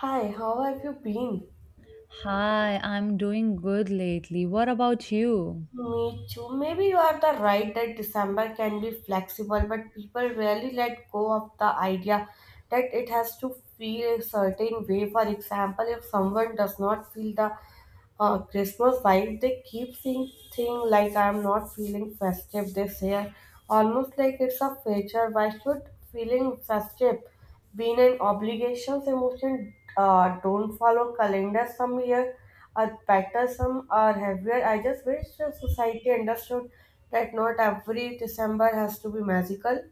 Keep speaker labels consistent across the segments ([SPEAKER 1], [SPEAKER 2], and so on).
[SPEAKER 1] Hi, how have you been?
[SPEAKER 2] Hi, I'm doing good lately. What about you?
[SPEAKER 1] Me too. Maybe you are the right that December can be flexible, but people rarely let go of the idea that it has to feel a certain way. For example, if someone does not feel the Christmas vibe. They keep saying things like I'm not feeling festive this year, almost like it's a feature. Why should feeling festive being an obligation? Emotion don't follow calendar. Some year are better, some are heavier. I just wish the society understood that not every December has to be magical.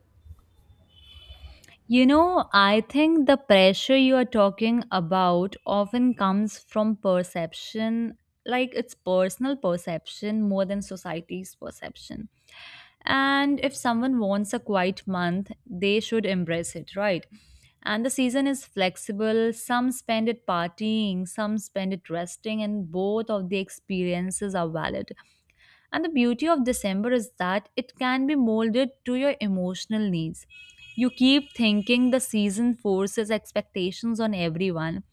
[SPEAKER 2] You know, I think the pressure you are talking about often comes from perception, like it's personal perception more than society's perception. And if someone wants a quiet month, they should embrace it, right? And the season is flexible. Some spend it partying, some spend it resting, and both of the experiences are valid. And the beauty of December is that it can be molded to your emotional needs. You keep thinking the season forces expectations on everyone,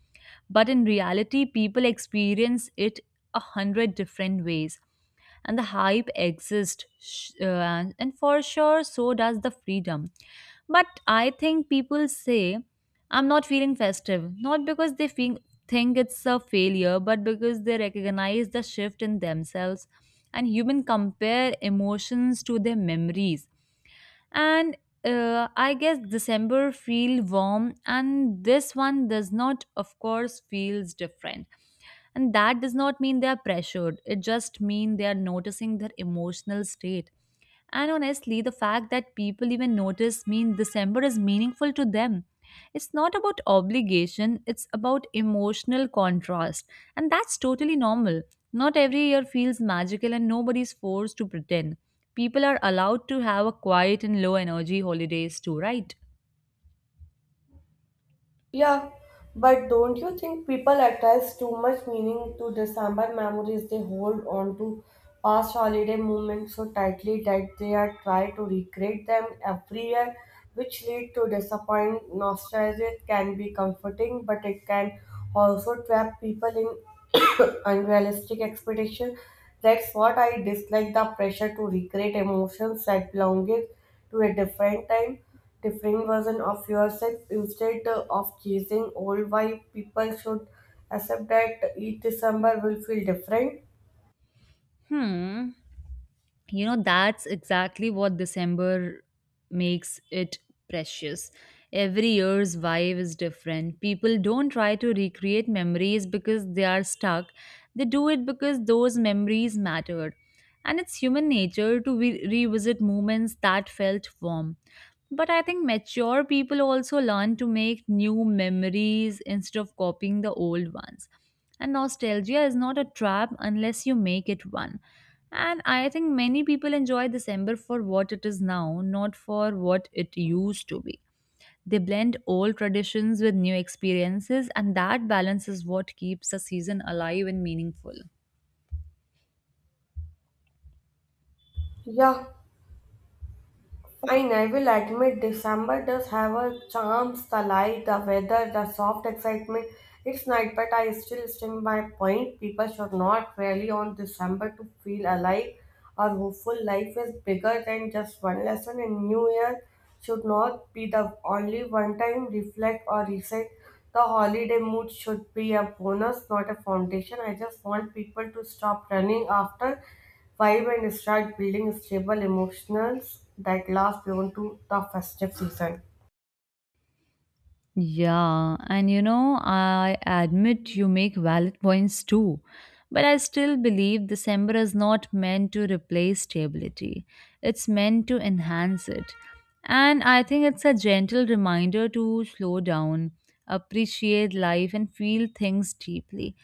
[SPEAKER 2] but in reality, people experience it a hundred different ways. And the hype exists, and for sure, so does the freedom. But I think people say, I'm not feeling festive, not because they feel, think it's a failure, but because they recognize the shift in themselves. And human compare emotions to their memories and I guess december feel warm and this one does not of course feels different and that does not mean they are pressured, it just means they are noticing their emotional state. And honestly, the fact that people even notice mean december is meaningful to them. It's not about obligation, it's about emotional contrast, and that's totally normal. Not every year feels magical and nobody's forced to pretend. People are allowed to have a quiet and low energy holidays too, right?
[SPEAKER 1] Yeah, but don't you think people attach too much meaning to December memories? They hold on to past holiday moments so tightly that they are try to recreate them every year, which lead to disappointment. Nostalgia can be comforting, but it can also trap people in unrealistic expectations. That's what I dislike the pressure to recreate emotions that belonged to a different time different version of yourself instead of chasing all why people should accept that each december will feel different.
[SPEAKER 2] Hmm. You know, that's exactly what december makes it precious. Every year's vibe is different. People don't try to recreate memories because they are stuck, they do it because those memories mattered. And it's human nature to revisit moments that felt warm, but I think mature people also learn to make new memories instead of copying the old ones. And nostalgia is not a trap unless you make it one. And I think many people enjoy December for what it is now, not for what it used to be. They blend old traditions with new experiences, and that balance is what keeps the season alive and meaningful.
[SPEAKER 1] Yeah. Fine, I will admit December does have a charms, the light, the weather, the soft excitement. It's night, but I still stand by my point. People should not rely on December to feel alive or hopeful. Life is bigger than just one lesson, and New Year should not be the only one time reflect or reset. The holiday mood should be a bonus, not a foundation. I just want people to stop running after vibe and start building stable emotionals that last beyond to the festive season.
[SPEAKER 2] Yeah, and you know, I admit you make valid points too. But I still believe December is not meant to replace stability, it's meant to enhance it. And I think it's a gentle reminder to slow down, appreciate life, and feel things deeply.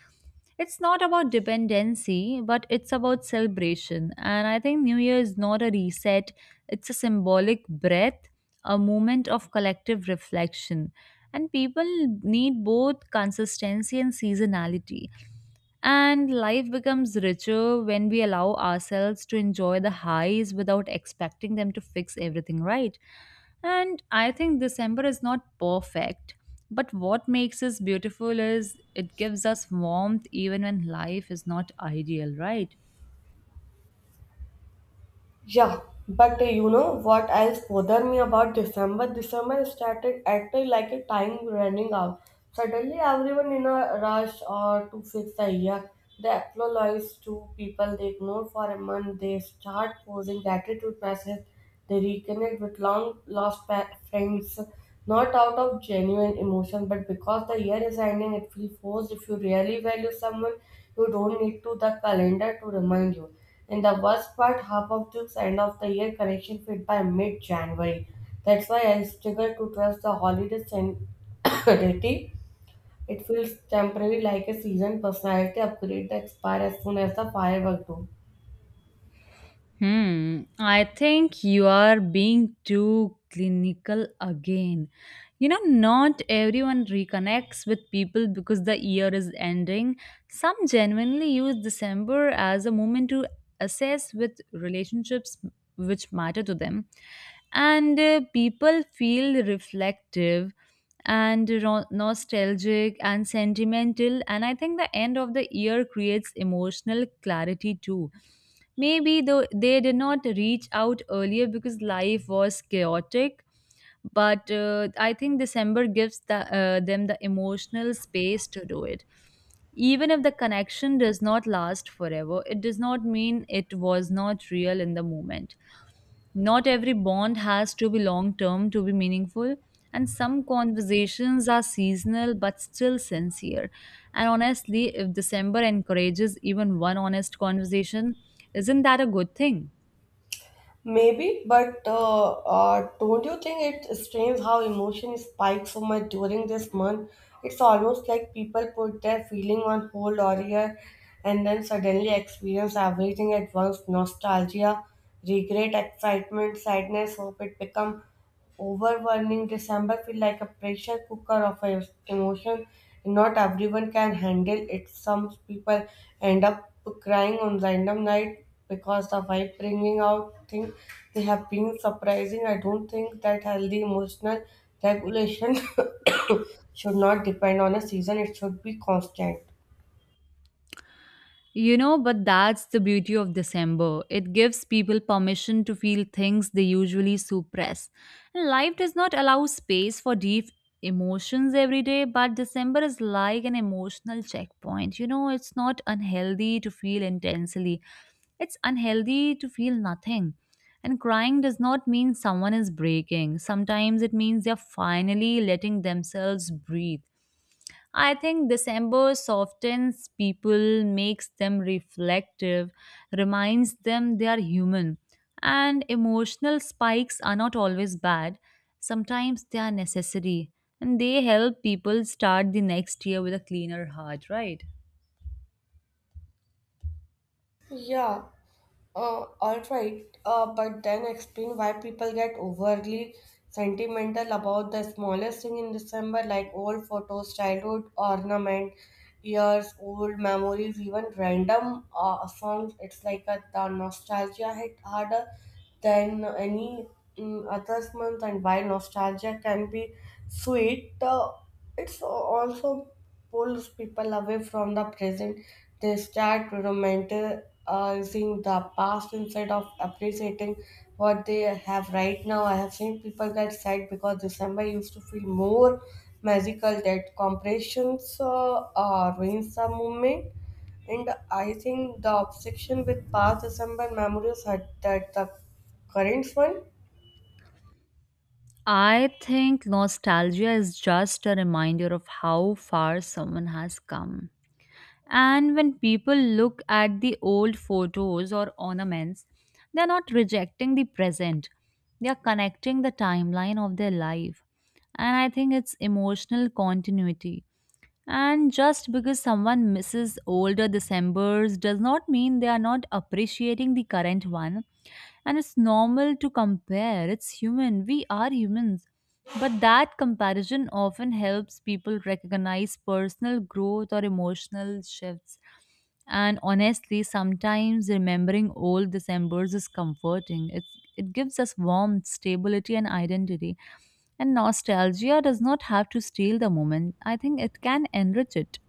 [SPEAKER 2] It's not about dependency, but it's about celebration. And I think New Year is not a reset, it's a symbolic breath, a moment of collective reflection. And people need both consistency and seasonality. And life becomes richer when we allow ourselves to enjoy the highs without expecting them to fix everything, right? And I think December is not perfect, but what makes us beautiful is it gives us warmth even when life is not ideal, right?
[SPEAKER 1] Yeah, but you know what else bothered me about December? December started acting like a time running out. Suddenly, everyone in a rush or to fix the year. They apologize to people they ignore for a month. They start posing gratitude messages. They reconnect with friends, not out of genuine emotion, but because the year is ending, it feels forced. If you really value someone, you don't need to the calendar to remind you. And the worst part, half of took end of the year collection fit by mid January. That's why I struggle to trust the holiday sanity. It feels temporary like a season personality upgrade that expire as soon as the firework do.
[SPEAKER 2] Hmm, I think you are being too clinical again. You know, not everyone reconnects with people because the year is ending. Some genuinely use December as a moment to assess with relationships which matter to them. And people feel reflective and nostalgic and sentimental. And I think the end of the year creates emotional clarity too. Maybe though they did not reach out earlier because life was chaotic, but I think December gives them the emotional space to do it. Even if the connection does not last forever, it does not mean it was not real in the moment. Not every bond has to be long term to be meaningful, and some conversations are seasonal but still sincere. And honestly, if December encourages even one honest conversation, isn't that a good thing?
[SPEAKER 1] Maybe, but don't you think it's strange how emotion spikes so much during this month? It's almost like people put their feeling on hold or year, and then suddenly experience everything at once nostalgia, regret, excitement, sadness, hope it become overwhelming. December feel like a pressure cooker of emotion. Not everyone can handle it. Some people end up crying on random night because the wife bringing out things they have been surprising. I don't think that healthy emotional regulation should not depend on a season. It should be constant.
[SPEAKER 2] You know, but that's the beauty of December. It gives people permission to feel things they usually suppress. And life does not allow space for deep emotions every day, but December is like an emotional checkpoint. You know, it's not unhealthy to feel intensely, it's unhealthy to feel nothing. And crying does not mean someone is breaking. Sometimes it means they're finally letting themselves breathe. I think December softens people, makes them reflective, reminds them they are human. And emotional spikes are not always bad, sometimes they are necessary. And they help people start the next year with a cleaner heart, right?
[SPEAKER 1] Yeah. All right, but then explain why people get overly sentimental about the smallest thing in December, like old photos, childhood ornament, years old memories, even random songs. It's like the nostalgia hit harder than any other month, and while nostalgia can be sweet, it's also pulls people away from the present. They start romanticizing the past instead of appreciating what they have right now. I have seen people get sad because December used to feel more magical. That compressions ruins the moment. And I think the obsession with past December memories had that the current one.
[SPEAKER 2] I think nostalgia is just a reminder of how far someone has come. And when people look at the old photos or ornaments, they're not rejecting the present, they're connecting the timeline of their life. And I think it's emotional continuity. And just because someone misses older Decembers does not mean they are not appreciating the current one. And it's normal to compare, it's human, we are humans. But that comparison often helps people recognize personal growth or emotional shifts. And honestly, sometimes remembering old Decembers is comforting. It gives us warmth, stability, and identity. And nostalgia does not have to steal the moment, I think it can enrich it.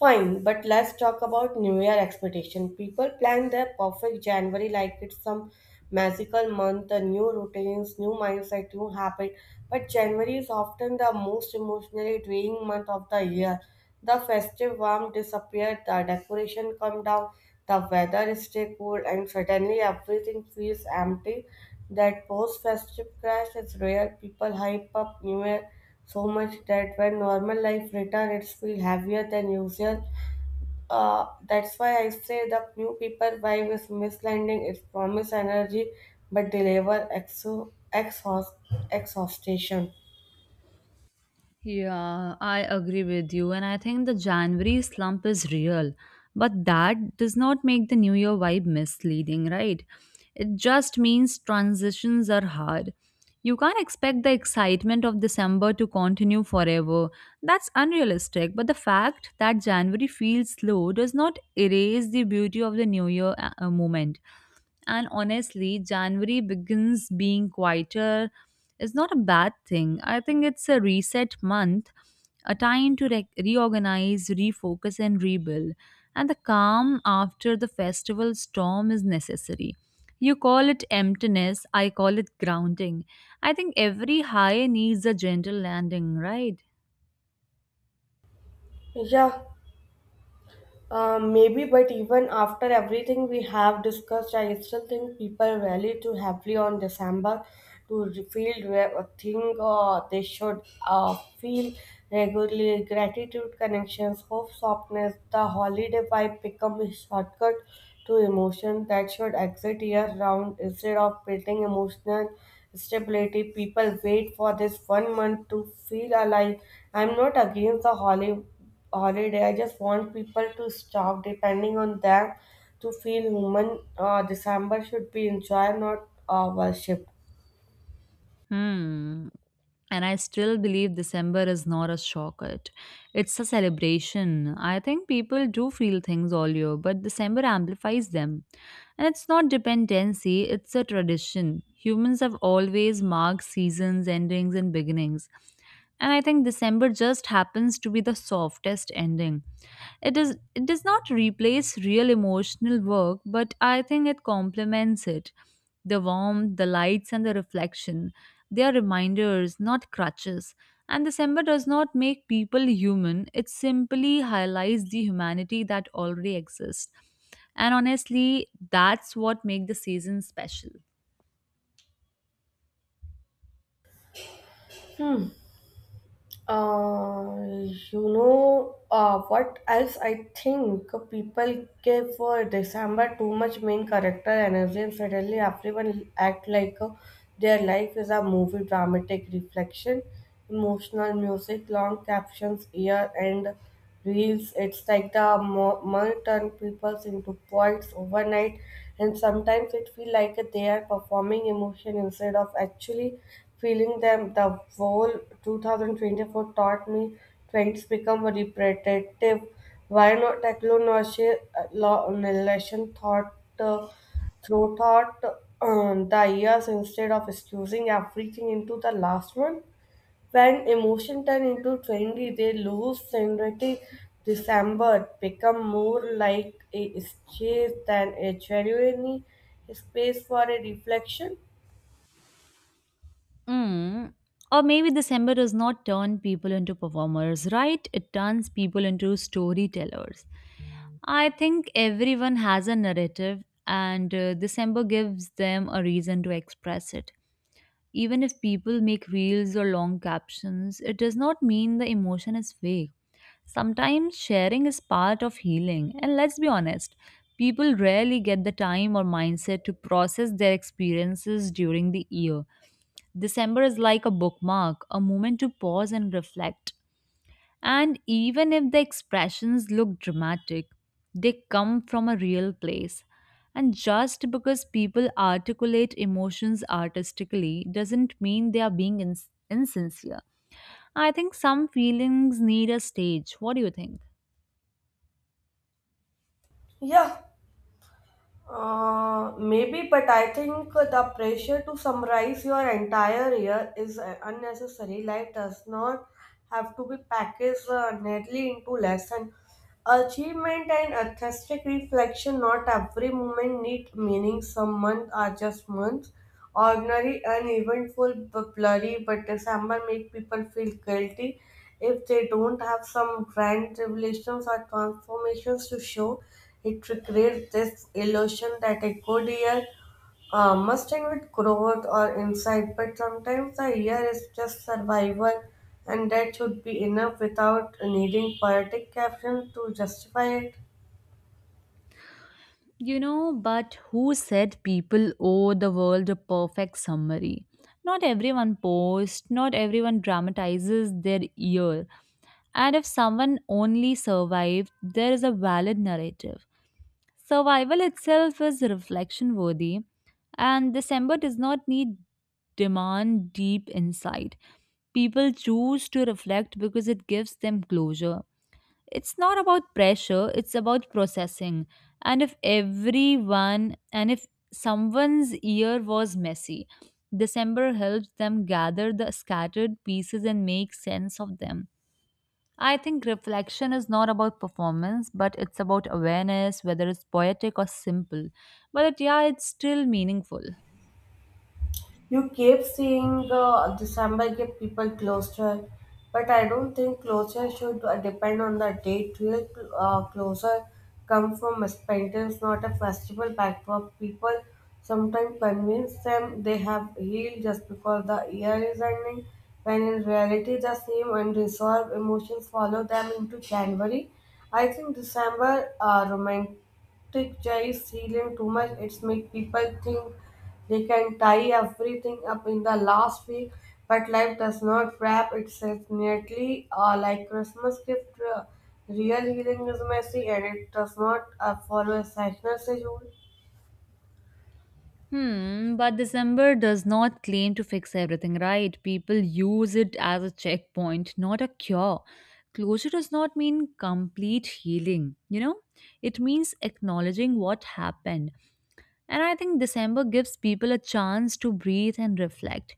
[SPEAKER 1] Fine, but let's talk about New Year expectation. People plan their perfect January like it's some magical month, the new routines, new mindset, new habit. But January is often the most emotionally draining month of the year. The festive warmth disappears, the decoration come down, the weather stay cool, and suddenly everything feels empty. That post-festive crash is rare. People hype up New Year so much that when normal life returns, it's feel heavier than usual. That's why I say the new people vibe is misleading. It promise energy, but deliver exhaustion.
[SPEAKER 2] Yeah, I agree with you. And I think the January slump is real. But that does not make the New Year vibe misleading, right? It just means transitions are hard. You can't expect the excitement of December to continue forever. That's unrealistic. But the fact that January feels slow does not erase the beauty of the New Year moment. And honestly, January begins being quieter is not a bad thing. I think it's a reset month, a time to reorganize, refocus, and rebuild. And the calm after the festival storm is necessary. You call it emptiness, I call it grounding. I think every high needs a gentle landing, right?
[SPEAKER 1] Yeah. Maybe, but even after everything we have discussed, I still think people rally too heavily on December to re- feel re- think they should feel regularly. Gratitude, connections, hope, softness, the holiday vibe become a shortcut to emotion that should exist year round instead of building emotional stability. People wait for this one month to feel alive. I'm not against the holiday. I just want people to stop depending on them to feel human. December should be enjoyed, not worshipped.
[SPEAKER 2] Hmm. And I still believe December is not a shortcut. It's a celebration. I think people do feel things all year, but December amplifies them. And it's not dependency, it's a tradition. Humans have always marked seasons, endings, and beginnings. And I think December just happens to be the softest ending. It does not replace real emotional work, but I think it complements it. The warmth, the lights, and the reflection. They are reminders, not crutches. And December does not make people human, it simply highlights the humanity that already exists. And honestly, that's what makes the season special.
[SPEAKER 1] Hmm. You know, what else I think people give for December too much main character energy, and suddenly everyone act like their life is a movie, dramatic reflection, emotional music, long captions, year end reels. It's like the money turn people into poets overnight, and sometimes it feels like they are performing emotion instead of actually feeling them. The whole 2024 taught me trends become repetitive. Why not technology, law, relation thought, uh, through thought, the years instead of excusing everything into the last one? When emotion turn into trendy, they lose synthetic December become more like a stage than a genuine space for a reflection.
[SPEAKER 2] Mm. Or maybe December does not turn people into performers, right? It turns people into storytellers. I think everyone has a narrative, and December gives them a reason to express it. Even if people make reels or long captions, it does not mean the emotion is fake. Sometimes sharing is part of healing, and let's be honest, people rarely get the time or mindset to process their experiences during the year. December is like a bookmark, a moment to pause and reflect. And even if the expressions look dramatic, they come from a real place. And just because people articulate emotions artistically doesn't mean they are being insincere. I think some feelings need a stage. What do you think?
[SPEAKER 1] Yeah. Maybe, but I think the pressure to summarize your entire year is unnecessary. Life does not have to be packaged neatly into lesson. Achievement and artistic reflection, not every moment need meaning. Some months are just months. Ordinary, uneventful, blurry, but December make people feel guilty if they don't have some grand revelations or transformations to show. It creates this illusion that a good year must end with growth or insight, but sometimes the year is just survival, and that should be enough without needing poetic caption to justify it.
[SPEAKER 2] You know, but who said people owe the world a perfect summary? Not everyone posts, not everyone dramatizes their year. And if someone only survived, there is a valid narrative. Survival itself is reflection worthy, and December does not need demand deep insight. People choose to reflect because it gives them closure. It's not about pressure, it's about processing. And if someone's year was messy, december helps them gather the scattered pieces and make sense of them. I think reflection is not about performance, but it's about awareness, whether it's poetic or simple. But yeah, it's still meaningful.
[SPEAKER 1] You keep seeing December get people closer, but I don't think closure should depend on the date. Real closer come from acquaintance, not a festival backdrop. People sometimes convince them they have healed just because the year is ending, when in reality the same unresolved emotions follow them into January. I think December romantic Tech is helium too much. It's make people think they can tie everything up in the last week, but life does not wrap itself neatly like Christmas gift. Real healing is messy and it does not follow a seasonal schedule.
[SPEAKER 2] Hmm, but December does not claim to fix everything, right? People use it as a checkpoint, not a cure. Closure does not mean complete healing, you know? It means acknowledging what happened, and I think December gives people a chance to breathe and reflect.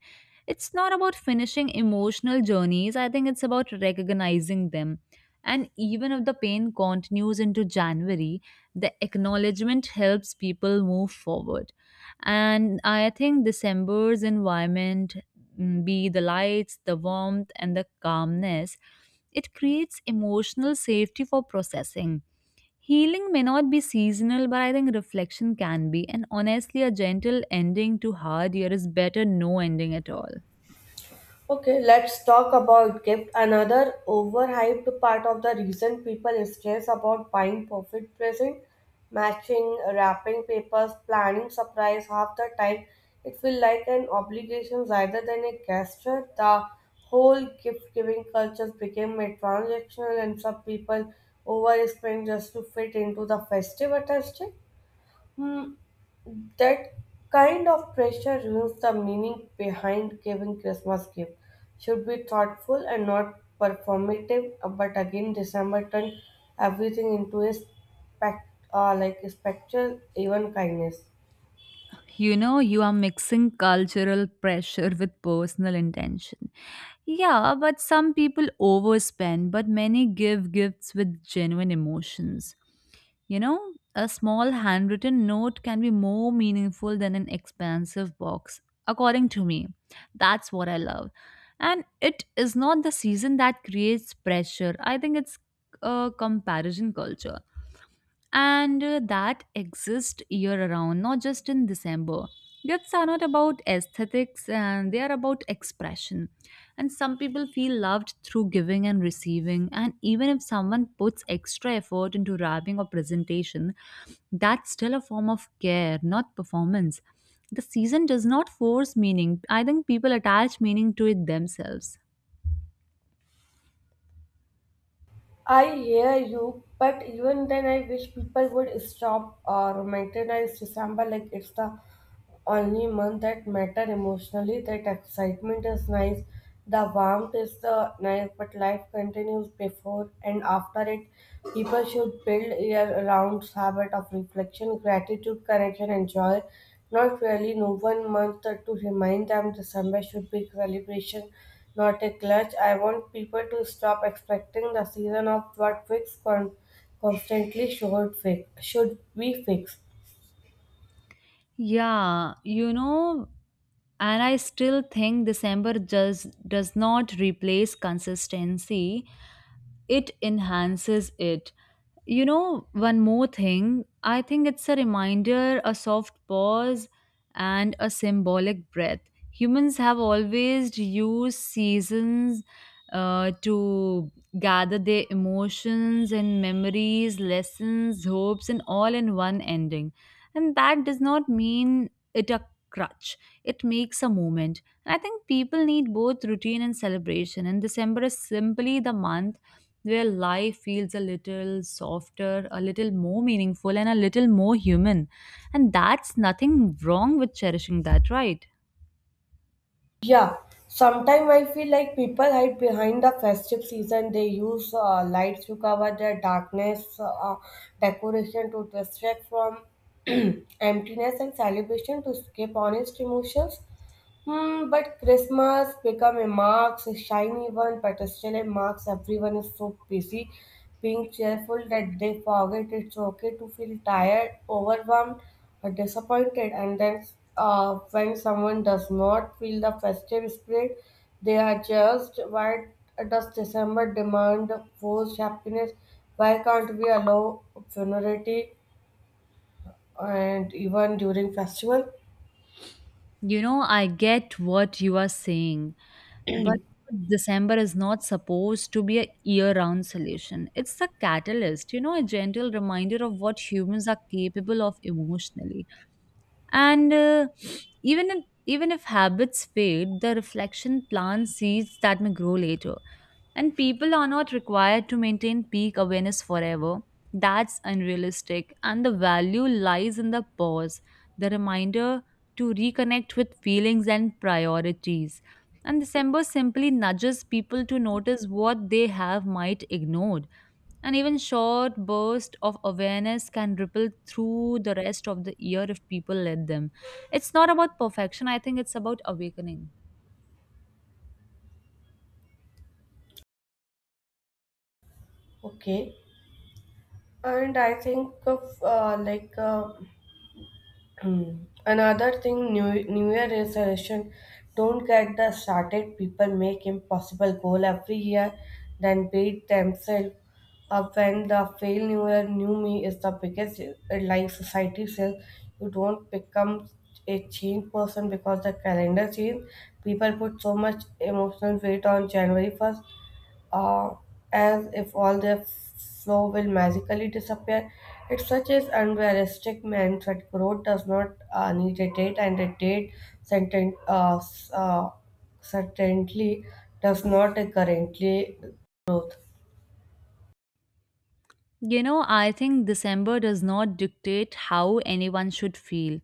[SPEAKER 2] It's not about finishing emotional journeys, I think it's about recognizing them. And even if the pain continues into January, the acknowledgement helps people move forward. And I think December's environment, be the lights, the warmth, and the calmness, it creates emotional safety for processing. Healing may not be seasonal, but I think reflection can be. And honestly, a gentle ending to hard year is better no ending at all.
[SPEAKER 1] Okay, let's talk about gift. Another overhyped part of the reason people stress about buying perfect present, matching wrapping papers, planning surprise half the time. It feels like an obligation rather than a gesture. The whole gift giving culture became a transactional and some people overspend just to fit into the festive attachment. Hmm, that kind of pressure ruins the meaning behind giving Christmas gift. Should be thoughtful and not performative. But again, December turned everything into a like a spectral, even kindness.
[SPEAKER 2] You know, you are mixing cultural pressure with personal intention. Yeah, but some people overspend, but many give gifts with genuine emotions. You know, a small handwritten note can be more meaningful than an expansive box, according to me. That's what I love. And it is not the season that creates pressure. I think it's a comparison culture and that exist year around, not just in December. Gifts are not about aesthetics and they are about expression. And some people feel loved through giving and receiving. And even if someone puts extra effort into wrapping or presentation, that's still a form of care, not performance. The season does not force meaning. I think people attach meaning to it themselves.
[SPEAKER 1] I hear you, but even then, I wish people would stop romanticizing December like it's the only month that matter emotionally. That excitement is nice, the warmth is the nice, but life continues before and after it. People should build year-round habit of reflection, gratitude, connection, and joy. Not really no one month to remind them December should be celebration, not a clutch. I want people to stop expecting the season of what fix con- constantly should fix should be fixed.
[SPEAKER 2] Yeah, you know, and I still think December just does not replace consistency, it enhances it. You know, one more thing, I think it's a reminder, a soft pause and a symbolic breath. Humans have always used seasons to gather their emotions and memories, lessons, hopes and all in one ending. And that does not mean it a crutch. It makes a moment, and I think people need both routine and celebration, and December is simply the month where life feels a little softer, a little more meaningful, and a little more human. And that's nothing wrong with cherishing that, right?
[SPEAKER 1] Yeah, sometimes I feel like people hide behind the festive season. They use lights to cover their darkness, decoration to distract from emptiness, and celebration to escape honest emotions. Hmm, but Christmas become a marks, a shiny one, but still it marks everyone is so busy being cheerful that they forget it's okay to feel tired, overwhelmed, or disappointed. And then when someone does not feel the festive spirit, they are just why does December demand forced happiness? Why can't we allow funerality and even during festival?
[SPEAKER 2] You know, I get what you are saying, but December is not supposed to be a year round solution. It's a catalyst, you know, a gentle reminder of what humans are capable of emotionally. And Even if habits fade, the reflection plants seeds that may grow later, and people are not required to maintain peak awareness forever. That's unrealistic, and the value lies in the pause, the reminder, to reconnect with feelings and priorities. And December simply nudges people to notice what they have might ignored. And even short bursts of awareness can ripple through the rest of the year if people let them. It's not about perfection, I think it's about awakening.
[SPEAKER 1] Okay. And I think of another thing, New Year resolution. Don't get the started. People make impossible goal every year, then beat themselves up when the fail New Year New Me is the biggest like society says, you don't become a change person because the calendar change. People put so much emotional weight on January 1st uh, as if all their flow will magically disappear. It such is unrealistic meant that growth does not need a date, and a date certain, certainly does not a currently growth.
[SPEAKER 2] You know, I think December does not dictate how anyone should feel.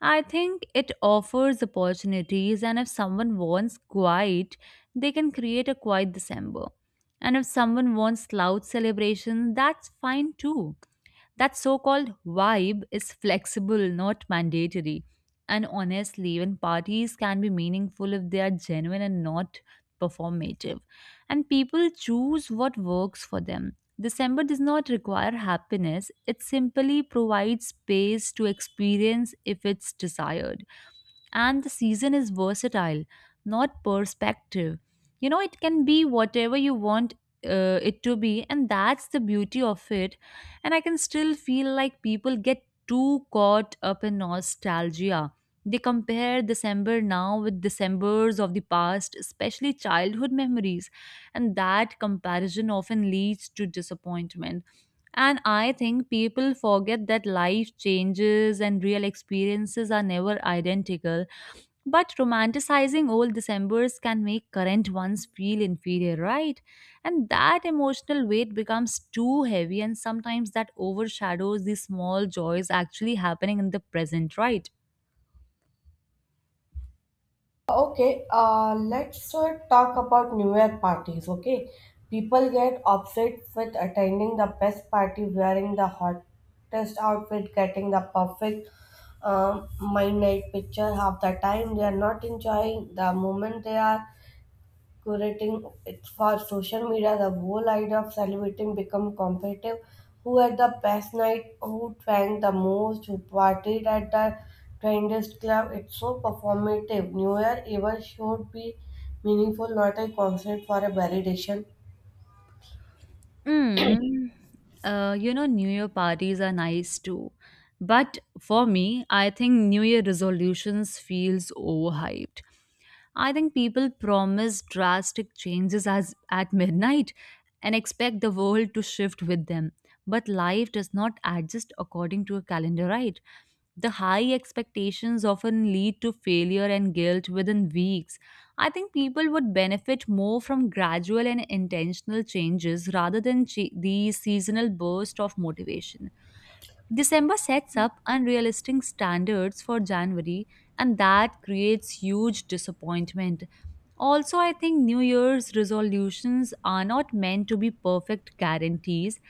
[SPEAKER 2] I think it offers opportunities, and if someone wants quiet, they can create a quiet December. And if someone wants loud celebrations, that's fine too. That so called vibe is flexible, not mandatory. And honestly, even parties can be meaningful if they are genuine and not performative. And people choose what works for them. December does not require happiness, it simply provides space to experience if it's desired, and the season is versatile, not perspective. You know, it can be whatever you want it to be, and that's the beauty of it. And I can still feel like people get too caught up in nostalgia. They compare December now with Decembers of the past, especially childhood memories, and that comparison often leads to disappointment. And I think people forget that life changes and real experiences are never identical, but romanticizing old Decembers can make current ones feel inferior, right? And that emotional weight becomes too heavy, and sometimes that overshadows the small joys actually happening in the present, right?
[SPEAKER 1] Okay, let's talk about New Year parties. Okay, people get upset with attending the best party, wearing the hottest outfit, getting the perfect my night picture half the time. They are not enjoying the moment they are curating it for social media, the whole idea of celebrating become competitive. Who had the best night, who drank the most, who partied at the trendiest club. It's so performative. New Year ever should be meaningful, not a constant for a validation.
[SPEAKER 2] Mm. You know, New Year parties are nice too. But for me, I think New Year resolutions feels overhyped. I think people promise drastic changes as at midnight and expect the world to shift with them. But life does not adjust according to a calendar, right? The high expectations often lead to failure and guilt within weeks. I think people would benefit more from gradual and intentional changes rather than these seasonal bursts of motivation. December sets up unrealistic standards for January, and that creates huge disappointment. Also, I think New Year's resolutions are not meant to be perfect guarantees.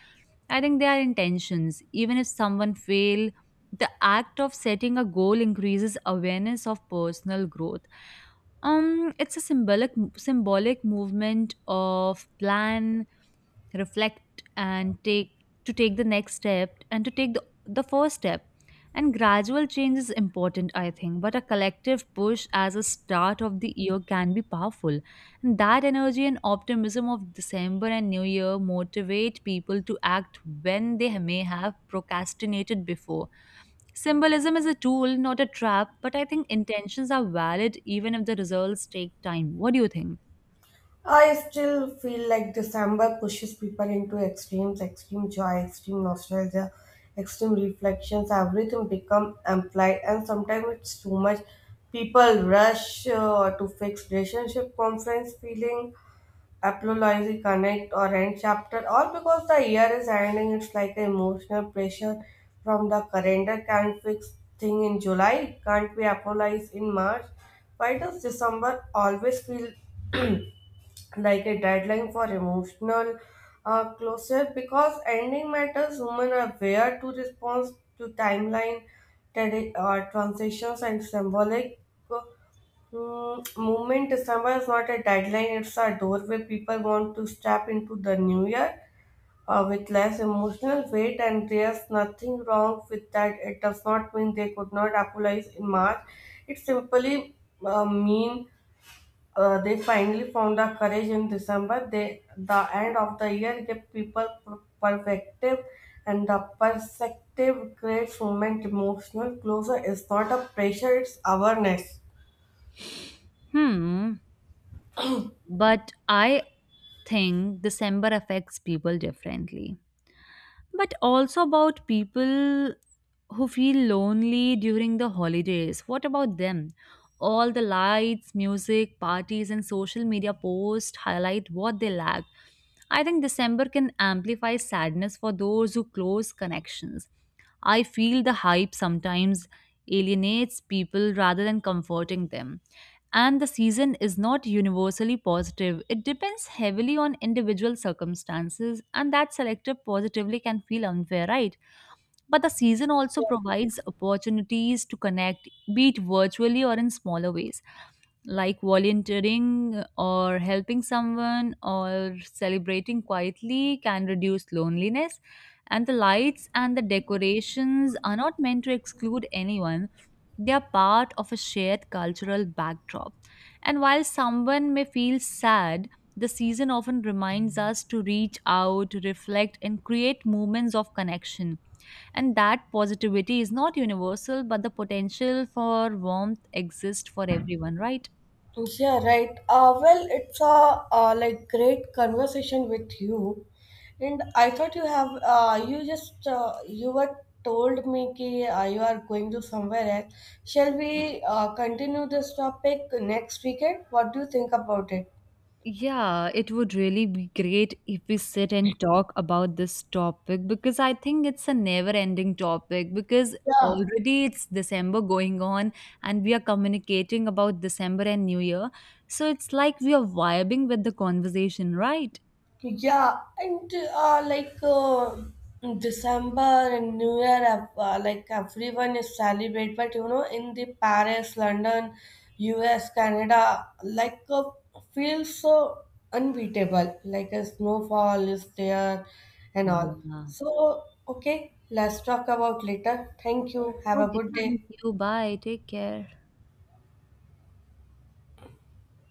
[SPEAKER 2] I think they are intentions. Even if someone fail, the act of setting a goal increases awareness of personal growth. It's a symbolic movement of plan, reflect and take, to take the next step, and to take the first step. And gradual change is important, I think, but a collective push as a start of the year can be powerful, and that energy and optimism of December and New Year motivate people to act when they may have procrastinated before. Symbolism is a tool, not a trap, but I think intentions are valid even if the results take time. What do you think?
[SPEAKER 1] I still feel like December pushes people into extremes, extreme joy, extreme nostalgia, extreme reflections. Everything become amplified, and sometimes it's too much. People rush to fix relationship, conference feeling, apology, connect, or end chapter. All because the year is ending. It's like emotional pressure from the calendar. Can't fix thing in July. Can't we apologize in March? Why does December always feel like a deadline for emotional closure because ending matters women are where to respond to timeline transitions and symbolic movement december is not a deadline it's a doorway people want to step into the new year with less emotional weight and there's nothing wrong with that it does not mean they could not apologize in march it simply mean they finally found the courage in December. They, the end of the year gave people perspective, and the perspective creates moment emotional closure. It's not a pressure, it's awareness.
[SPEAKER 2] Hmm. But I think December affects people differently. But also about people who feel lonely during the holidays. What about them? All the lights, music, parties, and social media posts highlight what they lack. I think December can amplify sadness for those who close connections. I feel the hype sometimes alienates people rather than comforting them, and the season is not universally positive. It depends heavily on individual circumstances, and that selective positively can feel unfair, right? But the season also provides opportunities to connect, be it virtually or in smaller ways, like volunteering or helping someone or celebrating quietly can reduce loneliness. And the lights and the decorations are not meant to exclude anyone, they are part of a shared cultural backdrop. And while someone may feel sad, the season often reminds us to reach out, reflect, and create moments of connection. And that positivity is not universal, but the potential for warmth exists for everyone, right?
[SPEAKER 1] Yeah, right. Well, it's a like great conversation with you, and I thought you have you just you were told me that you are going to somewhere else. Shall we continue this topic next weekend? What do you think about it?
[SPEAKER 2] Yeah, it would really be great if we sit and talk about this topic because I think it's a never-ending topic because
[SPEAKER 1] Yeah,
[SPEAKER 2] already it's December going on and we are communicating about December and New Year. So it's like we are vibing with the conversation, right?
[SPEAKER 1] yeah, and December and New Year, like everyone is celebrate, but you know, in the Paris, London, US, Canada, feels so unbeatable. Like a snowfall is there and all.
[SPEAKER 2] Yeah.
[SPEAKER 1] So, okay, let's talk about later. Thank you. Have a
[SPEAKER 2] Okay,
[SPEAKER 1] good
[SPEAKER 2] thank
[SPEAKER 1] day.
[SPEAKER 2] you. Bye. Take care.